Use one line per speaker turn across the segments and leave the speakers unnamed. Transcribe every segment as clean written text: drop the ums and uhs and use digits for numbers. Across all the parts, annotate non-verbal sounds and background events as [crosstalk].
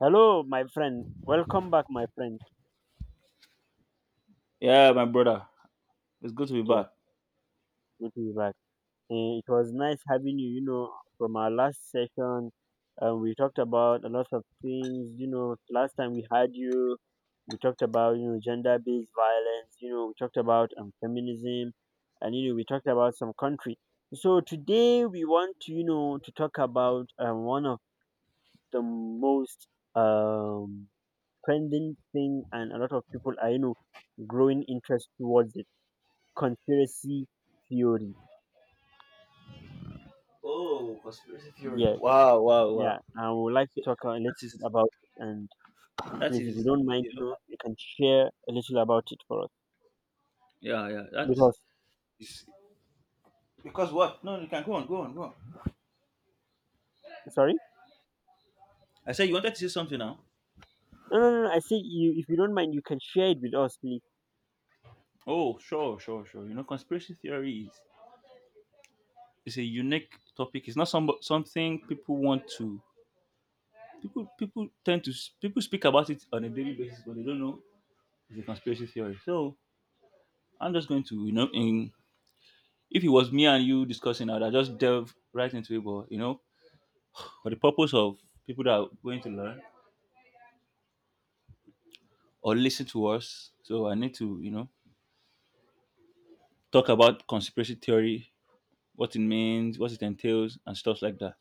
Hello, my friend. Welcome back, my friend.
Yeah, my brother. It's good to be
Yes,
back.
good to be back. It was nice having you. You know, from our last session, we talked about a lot of things. You know, last time we had you, we talked about gender-based violence. You know, we talked about feminism, and we talked about some country. So today we want to to talk about one of the most um trending thing, and a lot of people are growing interest towards conspiracy theory.
Oh, conspiracy theories.
Yeah,
Wow, wow, wow.
yeah. I would like
So
to talk a little
that is
bit about it, and
that
please, if you
is
don't mind,
you know
you can share a little about it for us.
yeah yeah that
Because,
is because what? No, you can go on, go on.
sorry.
I said you wanted to say something now.
No, no, no. No, I say you, if you don't mind, you can share it with us, please.
Oh, sure. You know, conspiracy theory is it's a unique topic. It's not something people want to people people tend to people speak about it on a daily basis, but they don't know it's a conspiracy theory. So I'm just going to you know in. If it was me and you discussing, I would have just delve right into it. But you know, for the purpose of people that are going to learn or listen to us, so I need to talk about conspiracy theory, what it means, what it entails, and stuff like that.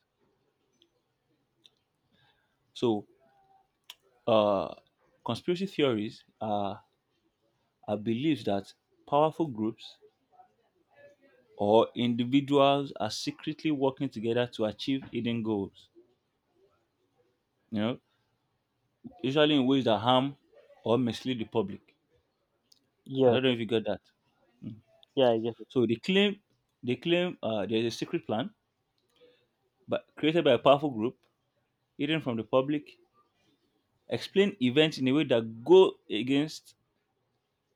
So, uh, conspiracy theories are beliefs that powerful groups or individuals are secretly working together to achieve hidden goals. You know, usually in ways that harm or mislead the public. I
Yeah,
don't know if you got that.
yeah, I get it.
So they claim there is a secret plan, but created by a powerful group, hidden from the public, explain events in a way that go against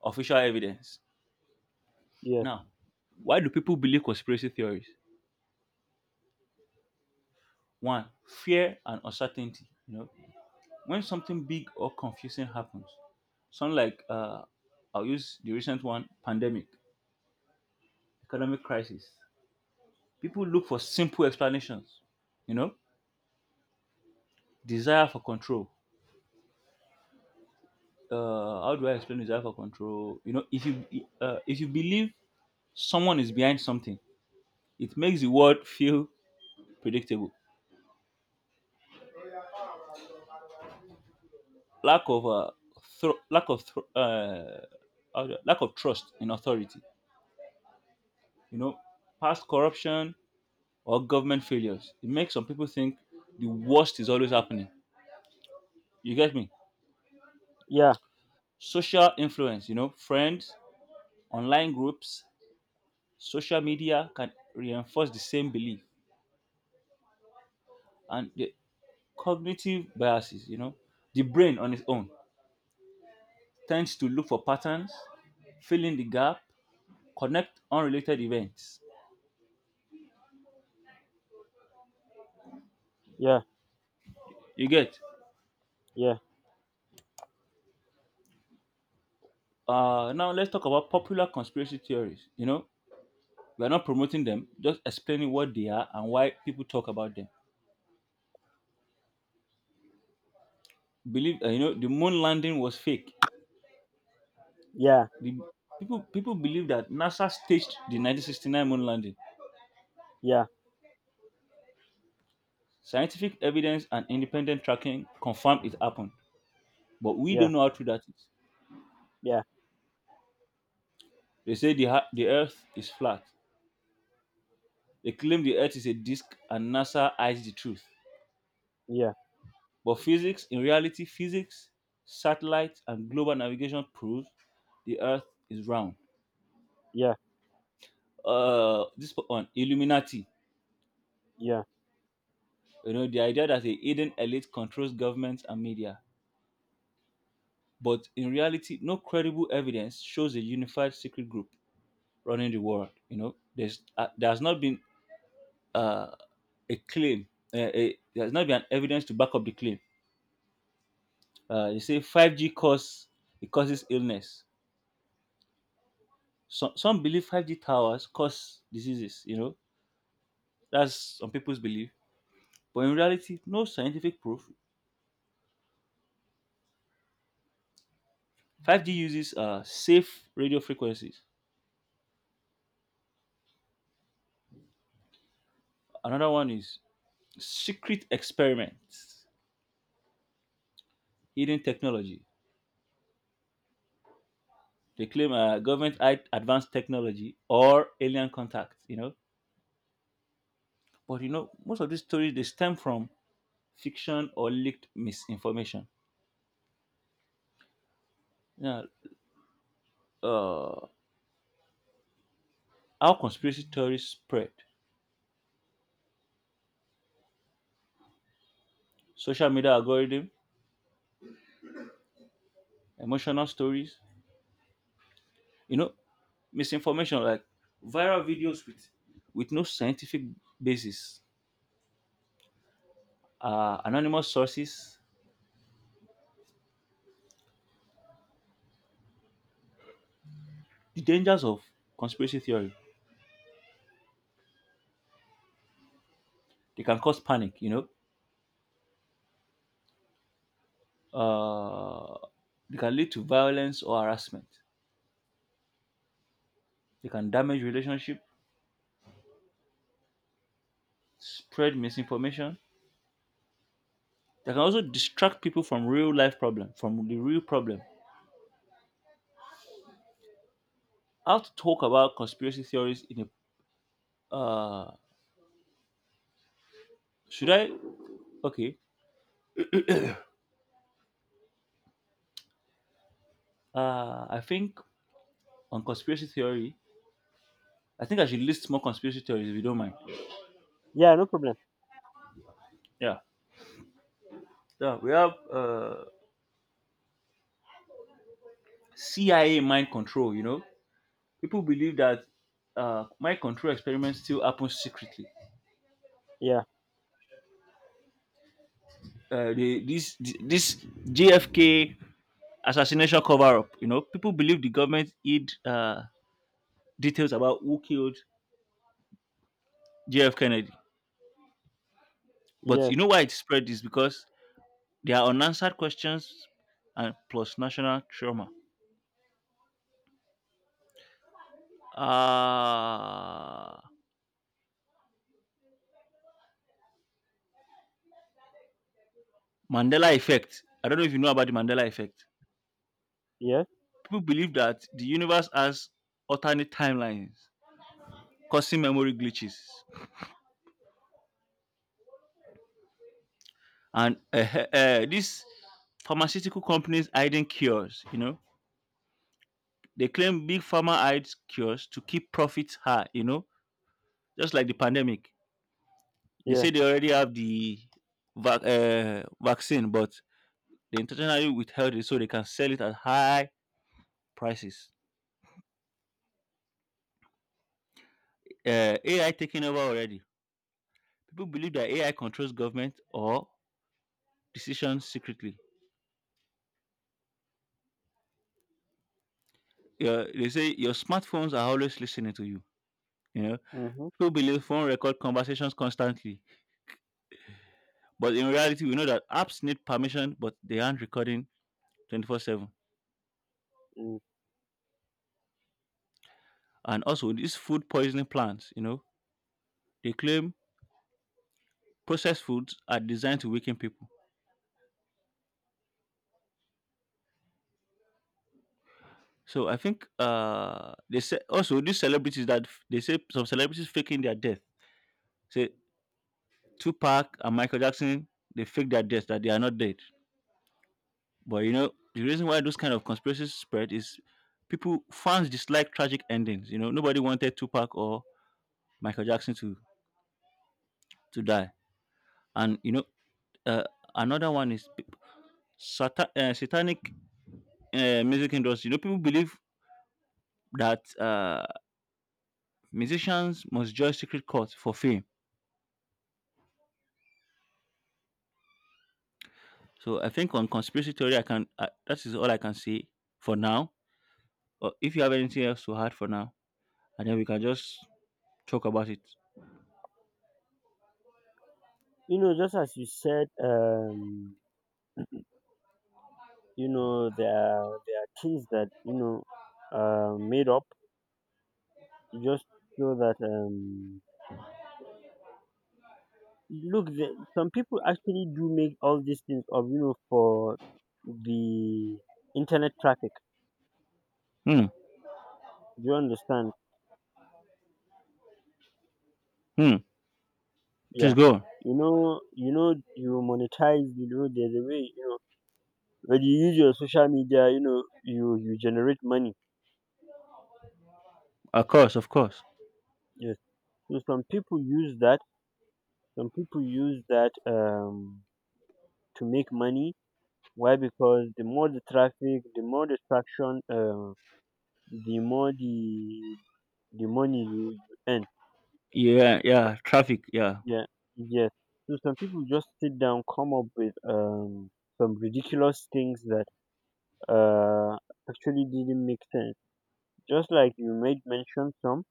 official evidence.
Yeah,
Now, why do people believe conspiracy theories? One, fear and uncertainty. You know, when something big or confusing happens, something like I'll use the recent one, pandemic, economic crisis. People look for simple explanations. You know, desire for control. How do I explain this alpha control? You know, if you believe someone is behind something, it makes the world feel predictable. Lack of thro- lack of thro- how do I- lack of trust in authority. You know, past corruption or government failures. It makes some people think the worst is always happening. You get me?
yeah,
Social influence. You know, friends, online groups, social media can reinforce the same belief, and the. Cognitive biases, you know, the brain on its own tends to look for patterns, fill in the gap, connect unrelated events.
yeah,
You get. Now let's talk about popular conspiracy theories. You know, we are not promoting them, just explaining what they are and why people talk about them. Believe, you know, the moon landing was fake.
yeah,
The People believe that NASA staged the 1969 moon landing.
yeah,
Scientific evidence and independent tracking confirm it happened, but we
yeah,
don't know how true that is.
yeah,
They say the earth is flat. They claim the earth is a disk and NASA hides the truth.
yeah,
But in reality, physics, satellites, and global navigation proves the earth is round.
yeah, yeah,
This one, Illuminati.
yeah,
You know, the idea that a hidden elite controls governments and media. But in reality, no credible evidence shows a unified secret group running the world. You know, there's there has not been uh, a claim, a, there has not been evidence to back up the claim. You say 5G cause it causes illness. Some believe 5G towers cause diseases. You know, that's some people's belief. But in reality, no scientific proof. 5G uses safe radio frequencies. Another one is secret experiments, hidden technology. They claim advanced technology or alien contact. You know, but you know most of these stories they stem from fiction or leaked misinformation. Yeah, uh, how conspiracy theories spread, social media algorithm, emotional stories, you know, misinformation like viral videos with no scientific basis, anonymous sources, the dangers of conspiracy theory. They can cause panic, you know. Uh, they can lead to violence or harassment. They can damage relationship, spread misinformation. They can also distract people from real life problem, from the real problem. How to talk about conspiracy theories in a Should I? Okay. I think on conspiracy theory, I think I should list more conspiracy theories if you don't mind.
yeah. No problem.
Yeah. Yeah. We have CIA mind control, you know? People believe that mind control experiments still happen secretly.
Yeah,
This JFK assassination cover up, you know? People believe the government hid details about who killed JF Kennedy. But
yeah,
you know why it spread is because there are unanswered questions and plus national trauma. Uh, Mandela effect. I don't know if you know about the Mandela effect.
yeah,
People believe that the universe has alternate timelines, causing memory glitches. And these pharmaceutical companies hiding cures, you know, they claim big pharma hides cures to keep profits high, you know, just like the pandemic. They
yeah.
say they already have the vaccine, but they intentionally withheld it so they can sell it at high prices. AI taking over already. People believe that AI controls government or decisions secretly. Yeah, they say your smartphones are always listening to you. You know,
Mm-hmm.
people believe phone record conversations constantly, but in reality, we know that apps need permission, but they aren't recording 24/7.
Mm.
And also, these food poisoning plans, you know, they claim processed foods are designed to weaken people. So I think they say also these celebrities they say some celebrities faking their death. Say Tupac and Michael Jackson, they fake their death that they are not dead. But you know, the reason why those kind of conspiracies spread is people fans dislike tragic endings. You know, nobody wanted Tupac or Michael Jackson to die. And you know, uh, another one is satanic music industry. You know, people believe that musicians must join secret courts for fame. So I think on conspiracy theory, I can that is all I can say for now. Or if you have anything else to add for now, and then we can just talk about it.
You know, just as you said. You know, there are things that are made up just so that look the, some people actually do make all these things of for the internet traffic.
Hmm.
Do you understand?
Hmm. Please
Yeah.
go.
You know, you monetize, there's a way, when you use your social media, you generate money.
Of course, of course.
Yes, so some people use that to make money. Why? Because the more the traffic, the more distraction, the more the money you earn.
Yeah, yeah. Traffic. Yeah,
Yeah, yes. So some people just sit down, come up with some ridiculous things that uh actually didn't make sense. Just like you made mention some,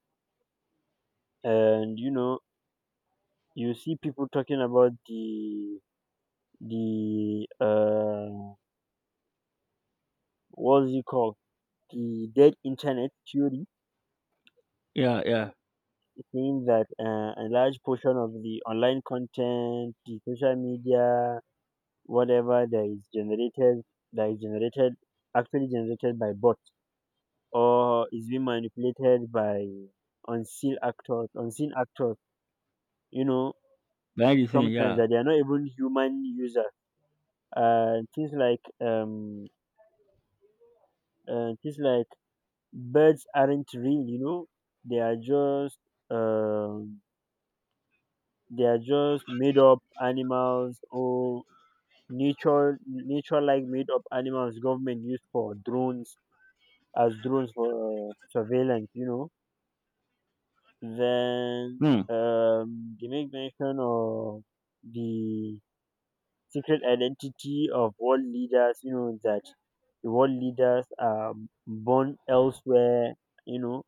and you see people talking about the what's it called, the dead internet theory.
yeah, yeah.
It means that a large portion of the online content, the social media, whatever that is generated, actually generated by bots, or is being manipulated by unseen actors, unseen actors. You know,
Behind the scene.
sometimes
Yeah.
that they are not even human users. Uh, things like um, things like birds aren't real. You know, they are just um, they are just made up animals, or nature nature like made up animals government use for drones, as drones for surveillance then
Hmm.
they make mention of the secret identity of world leaders. You know that the world leaders are born elsewhere. You know,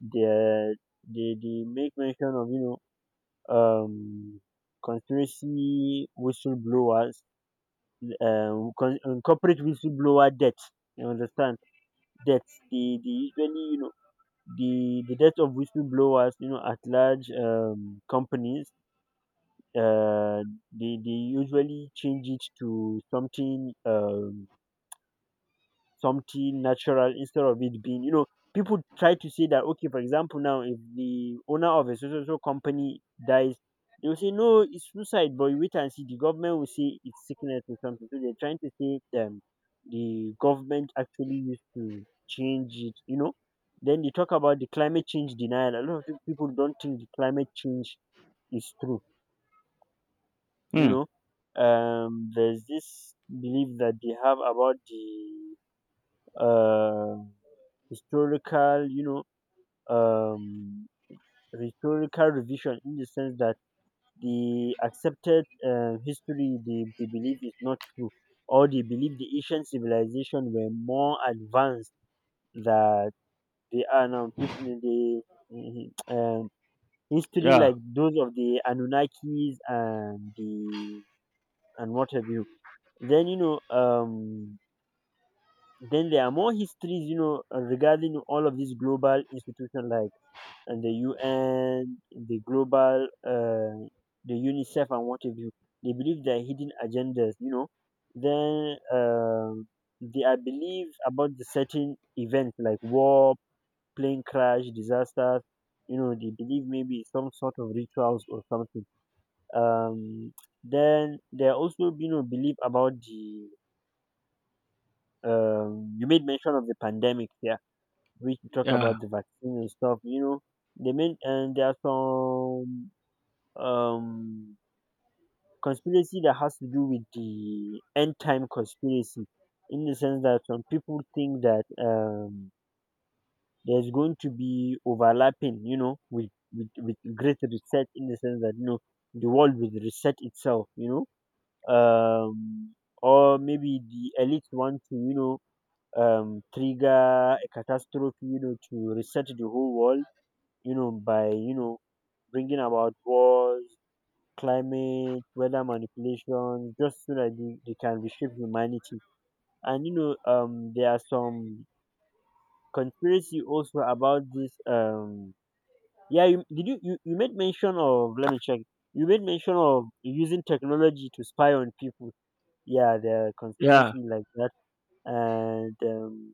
they they make mention of, um conspiracy whistleblowers, corporate whistleblower death. You understand? Deaths. They usually, you know, the death of whistleblowers, you know, at large companies, uh, they usually change it to something, natural, instead of it being, people try to say that, okay, for example, now if the owner of a so so so company dies, they will say no, it's suicide, but you wait and see, the government will say it's sickness or something. So they're trying to say, the government actually used to change it. Then they talk about the climate change denial. A lot of people don't think the climate change is true you
Hmm.
know there's this belief that they have about the um, historical, you know, um, historical revision, in the sense that the accepted history they believe is not true, or they believe the ancient civilization were more advanced that they are now. People in the [clears throat] history
Yeah.
like those of the Anunnakis and what have you. Then you know, um, then there are more histories, you know, regarding all of these global institutions, like and the UN, the global, the UNICEF, and what have you. They believe there are hidden agendas. Then they are believed about the certain events like war, plane crash, disasters. You know, they believe maybe some sort of rituals or something. Um, then there are also, belief about the. You made mention of the pandemic, yeah. We talk
Yeah.
about the vaccine and stuff. You know, they mean, and there are some um conspiracy that has to do with the end time conspiracy, in the sense that some people think that there's going to be overlapping, with with great reset, in the sense that the world will reset itself, um or maybe the elites want to, trigger a catastrophe, to reset the whole world, by bringing about wars, climate, weather manipulation, just so that they can reshape humanity. And there are some conspiracy also about this. Yeah, did you made mention of? Let me check. You made mention of using technology to spy on people. Yeah, there are
Yeah.
conspiracy like that, and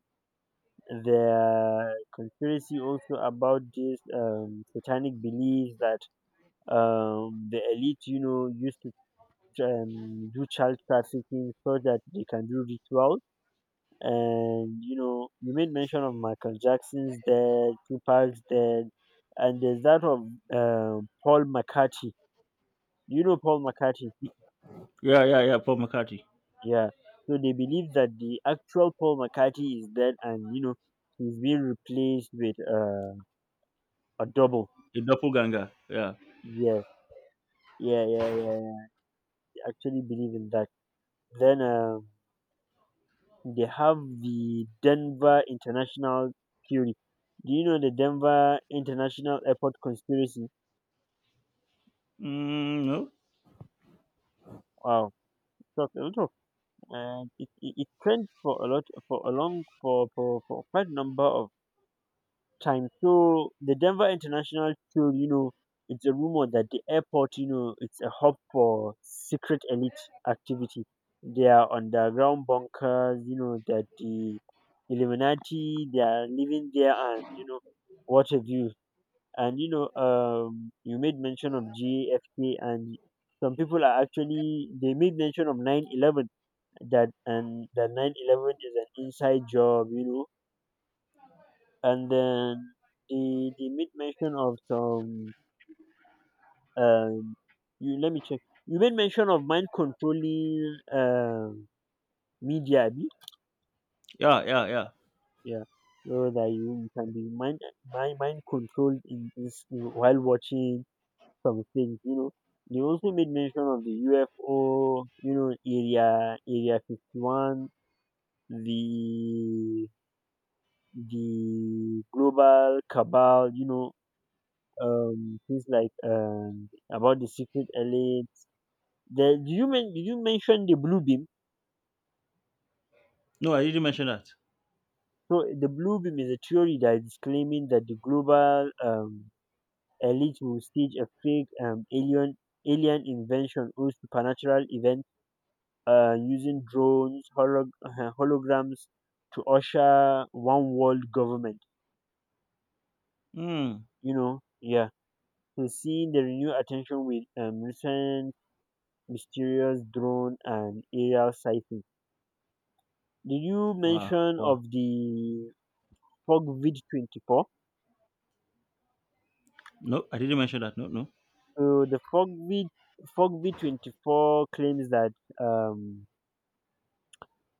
there are conspiracy also about this satanic beliefs that the elite, used to do child trafficking so that they can do rituals. And you made mention of Michael Jackson's dead, Tupac's dead, and there's that of Paul McCartney. You know Paul McCartney,
Yeah. Yeah. Yeah. Paul McCartney,
yeah. So they believe that the actual Paul McCartney is dead, and he's being replaced with a double.
a doppelganger. Yeah.
Yeah, yeah, yeah, yeah, yeah. I actually believe in that. Then. They have the Denver International Theory. Do you know the Denver International Airport conspiracy?
Mm, no.
Wow, talk a lot of, it trended for a lot for a long for quite a number of times. So the Denver International Theory, it's a rumor that the airport, it's a hub for secret elite activity. They are underground bunkers, that the Illuminati they are living there, and what have you. And you made mention of GAFK, and some people are actually they made mention of 9/11, that, and that 9/11 is an inside job. And then they made mention of some, um, you let me check. You made mention of mind controlling media, abi?
Yeah. Yeah. Yeah.
Yeah. So that you can be mind controlled in, while watching some things, They also made mention of the UFO, area 51, the the global cabal, things like about the secret elites. The did you men did you mention the blue beam?
No, I didn't mention that.
So the blue beam is a theory that is claiming that the global elite will stage a fake alien invention, or supernatural event, using drones, holograms, to usher one world government.
Hmm.
You know, yeah. So, seeing the renewed attention with recent mysterious drone and aerial sighting. Did you
Wow.
mention
Wow.
of the FogVid 24?
No, I didn't mention that. No. No.
So the FogVid 24 claims that, um,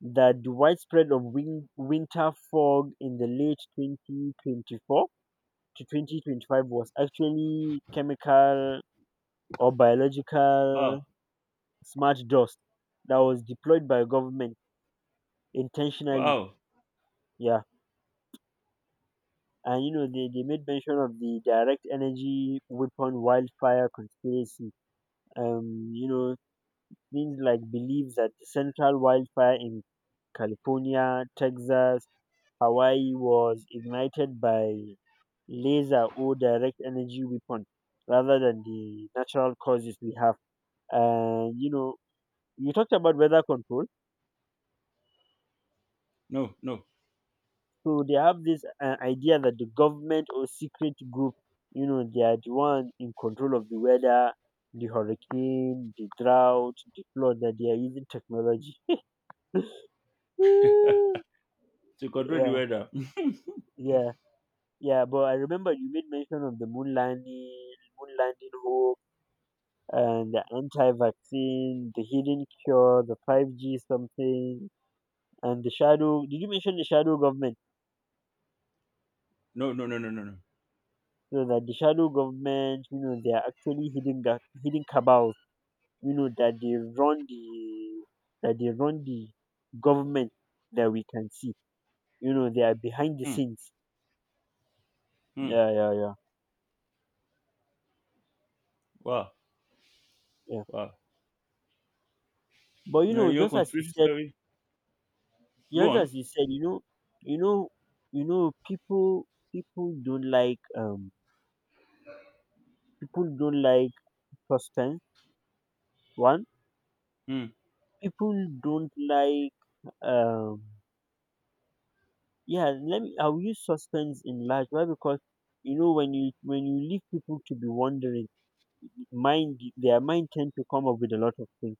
that the widespread of winter fog in the late 2024 to 2025 was actually chemical or
Wow.
biological smart dust that was deployed by government intentionally.
Wow.
Yeah. And they made mention of the direct energy weapon wildfire conspiracy. Um, you know, Things like belief that the central wildfire in California, Texas, Hawaii was ignited by laser or direct energy weapon rather than the natural causes we have. And you talked about weather control.
No. No.
So they have this idea that the government or secret group, they are the one in control of the weather, the hurricane, the drought, the flood. That they are using technology. [laughs] Mm,
To control the
yeah,
weather. [laughs]
yeah, yeah. But I remember you made mention of the moon landing, hoax, and the anti-vaccine, the hidden cure, the 5G something, and the shadow. Did you mention the shadow government?
No. No. No. No. No. No.
So that the shadow government, they are actually hidden hidden cabals, that they run the government that we can see. You know, they are behind the
Hmm.
scenes.
Hmm.
Yeah, yeah, yeah,
Wow.
yeah.
Wow.
But you
Now,
know,
your
just as you
conspiracy
said,
theory. Go
just
on.
as you said, you know, you know, you know, people don't like people don't like suspense. One,
Hmm.
people don't like, um yeah, let me, I'll use suspense in large. Why? Because when you leave people to be wondering, mind their mind tend to come up with a lot of things.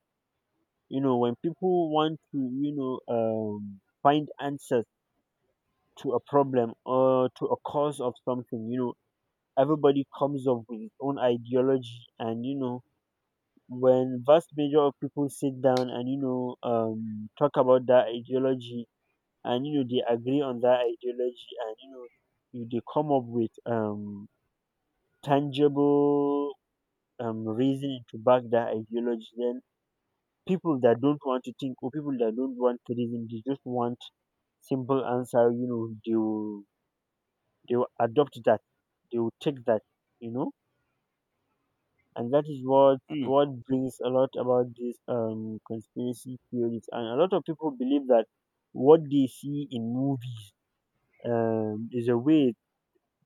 You know, when people want to, find answers to a problem or to a cause of something, everybody comes up with his own ideology, and when vast major of people sit down, and talk about that ideology, and they agree on that ideology, and you know you they come up with tangible reasoning to back that ideology. Then people that don't want to think, or people that don't want to reason, they just want simple answer, they will adopt that, they will take that you know and that is what
Hmm.
what brings a lot about this, conspiracy theories. And a lot of people believe that what they see in movies is a way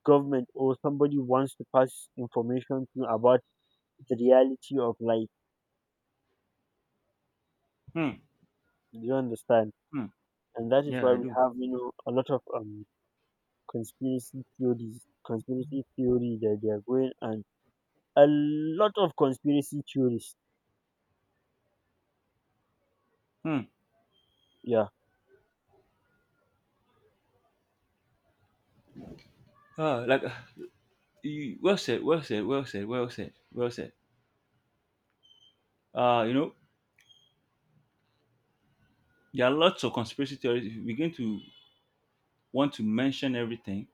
government or somebody wants to pass information to you about the reality of life.
Hmm.
Do you understand?
Hmm.
And that is
Yeah,
why
I
we
do.
have, a lot of conspiracy theories, conspiracy theory that they are going, and a lot of conspiracy theories.
Hmm.
Yeah.
Ah, like [sighs] you, well said, well said, well said, well said, well said. You know, there are lots of conspiracy theories. If you begin to want to mention everything,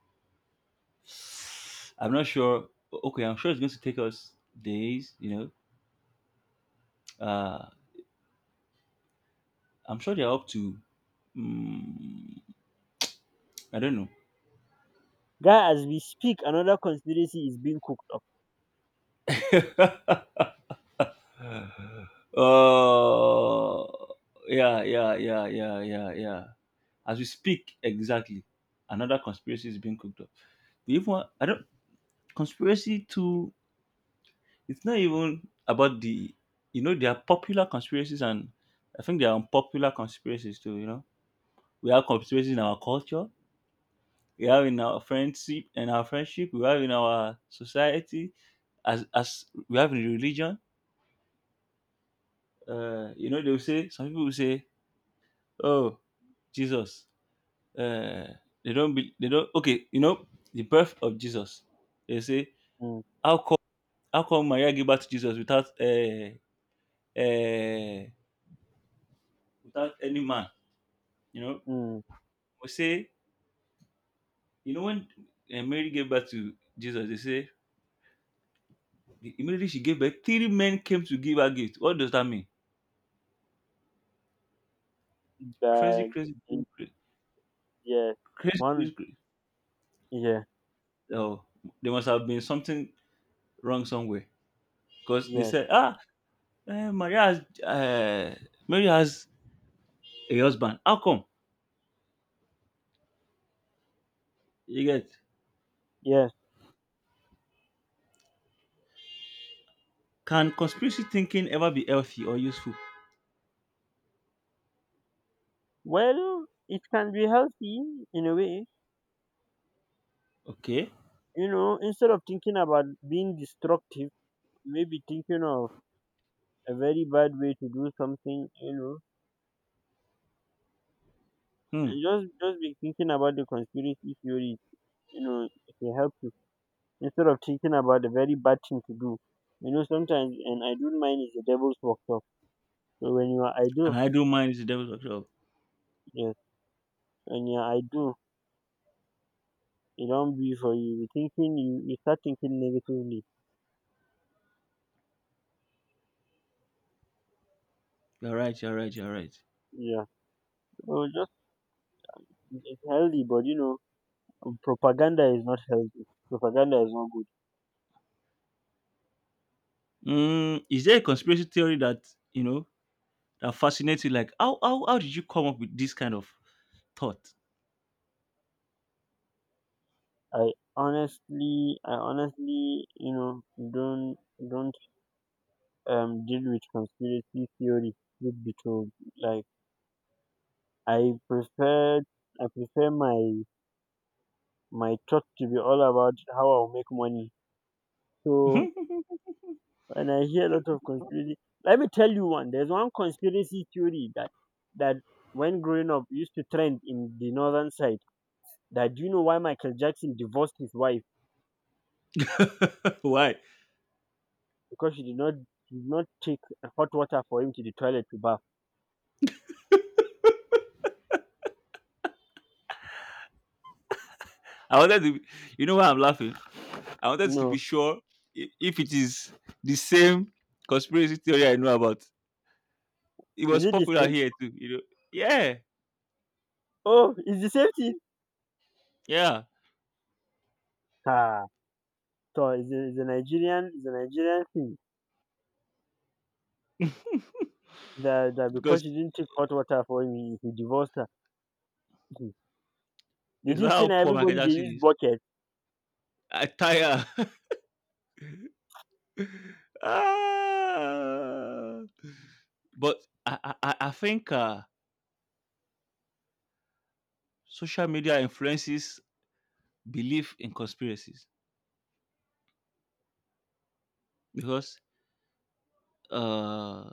I'm not sure. Okay, I'm sure it's going to take us days. You know, I'm sure they're up to. Mm, I don't
Guy, as we speak, another conspiracy is being cooked up.
know. [laughs] Oh, yeah. As we speak, exactly, another conspiracy is being cooked up. We even I don't conspiracy to It's not even about the there are popular conspiracies and I think there are unpopular conspiracies too, you know. We have conspiracies in our culture, we have in our friendship, we have in our society, as we have in religion. You know, they'll say some people will say, "Oh, Jesus." Uh, they don't be they don't okay, you know, the birth of Jesus. They say,
Mm,
How come how come Maria gave birth to Jesus without uh, without any man? You know,
mm,
we say, you know, when Mary gave birth to Jesus, they say immediately she gave birth, three men came to give her gift. What does that mean? Crazy,
but,
crazy, crazy, crazy,
yeah,
crazy.
one,
crazy, crazy.
yeah,
Oh, there must have been something wrong somewhere because they
yeah,
said, Maria has, Mary has a husband. How come? You get?
yes.
Can conspiracy thinking ever be healthy or useful?
Well, it can be healthy in a way
Okay.
You know, Instead of thinking about being destructive, maybe thinking of a very bad way to do something,
Hmm.
and just be thinking about the conspiracy theories, it will help you. Instead of thinking about the very bad thing to do. Sometimes, and I don't mind is the devil's workshop. So when you are
And
idle,
I do mind is the devil's workshop.
yes, when you are idle, it don't be for you. You start thinking negatively.
You're right. You're right. You're right.
Yeah. So just it's healthy, but propaganda is not healthy. Propaganda is not good.
Is there a conspiracy theory that you know that fascinates you, like how did you come up with this kind of thought?
I honestly, don't don't deal with conspiracy theory. Truth be told, like I prefer, I prefer my talk to be all about how I'll make money. So
[laughs]
when I hear a lot of conspiracy, let me tell you one. There's one conspiracy theory that that when growing up used to trend in the northern side. That, do you know why Michael Jackson divorced his wife?
Why?
Because she did not take hot water for him to the toilet to bath.
I wanted to You know why I'm laughing? I wanted to be
No.
sure if it is the same conspiracy theory I know about. It
Is
was
it the
popular
same?
here too, you know. Yeah,
Oh, it's the same thing.
yeah.
Ah, so it's a Nigerian thing, that,
Because
because she didn't take hot water for him, he divorced her. Mhm. They
it's
think say
how poor Michael
everybody they
Jackson
use
is.
bucket.
I tire. [laughs] Ah. But I think social media influences belief in conspiracies, because uh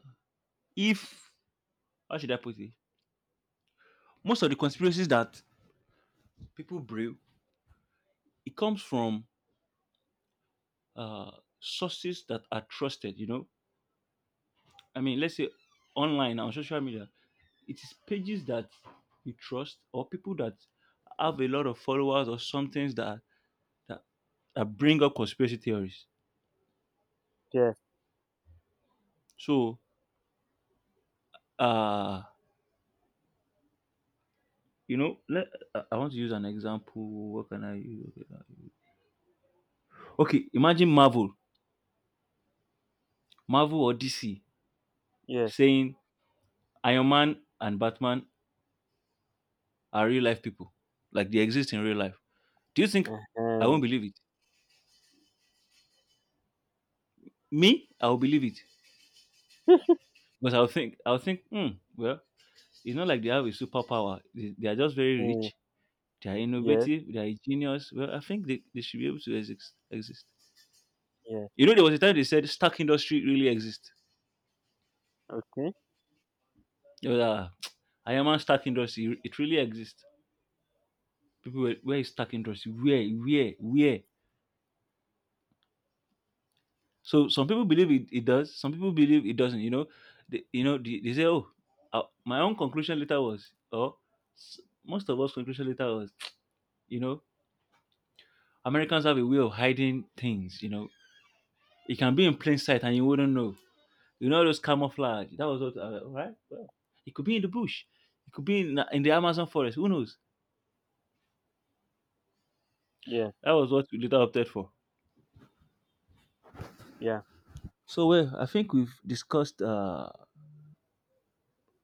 if, how should I put it? Most of the conspiracies that people brew, it comes from uh sources that are trusted, you know. I mean, let's say online on social media, it is pages that you trust or people that have a lot of followers or something that that, that bring up conspiracy theories.
Yes,
So uh you know, I want to use an example. What can I use? Okay, imagine Marvel or DC
yes,
saying Iron Man and Batman are real life people. Like they exist in real life. Do you think I won't
uh-huh.
believe it? Me, I'll believe it. Because I'll think, hmm, well, it's not like they have a superpower. They are just very
Mm,
rich. They are
yes,
innovative. They are genius. Well, I think they should be able to exist.
yes.
You know, there was a time they said stack industry really exists.
Okay,
It was, [tsk] Iron Man stack industry, it really exists. People were, where is stack industry? Where? So some people believe it, it does. Some people believe it doesn't. You know, they say, "Oh, my own conclusion later was," or most of us conclusion later was, [tsk] you know, Americans have a way of hiding things. You know, it can be in plain sight and you wouldn't know. You know those camouflage. That was what, right? Well, it could be in the bush. It could be in the Amazon forest. Who knows?
yeah,
That was what we later opted for.
yeah,
So well, I think we've discussed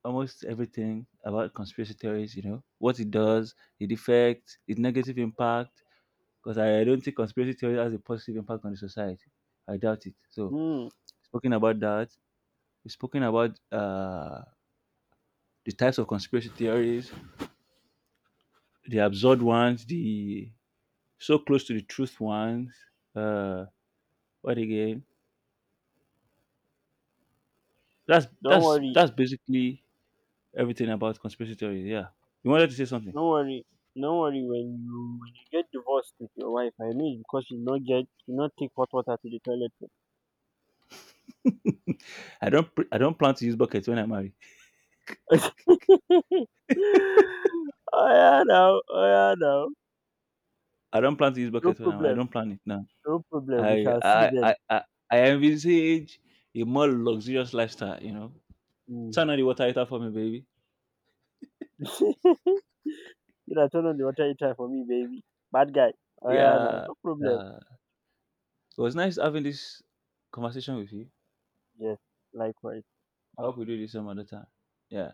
almost everything about conspiracy theories, you know, what it
yeah.
does, the effect, its negative impact, because I don't think conspiracy theory has a positive impact on the society. I doubt it. So,
Mm,
speaking about that, we've spoken about the types of conspiracy theories, the absurd ones, the so close to the truth ones. Uh, what again? That's
don't
that's
worry,
that's basically everything about conspiracy theories. Yeah, you wanted to say something.
don't worry, don't worry. When you get divorced with your wife, I know it's because she not get she not take hot water to the toilet.
[laughs] I don't plan to use buckets when I marry. [laughs]
[laughs] Oh yeah, now, oh yeah, now.
I don't plan to use
No
bucket now. I
problem,
don't plan it now.
no problem. We
I
shall see
I
then.
I I, I envisage a more luxurious lifestyle. You know,
Mm.
turn on the water heater for me, baby.
[laughs] you turn on the water heater for me, baby. Bad guy. Oh yeah, now,
Yeah,
no problem.
yeah. It was nice having this conversation with you.
Yes, likewise.
I hope we do this some other time. Yeah.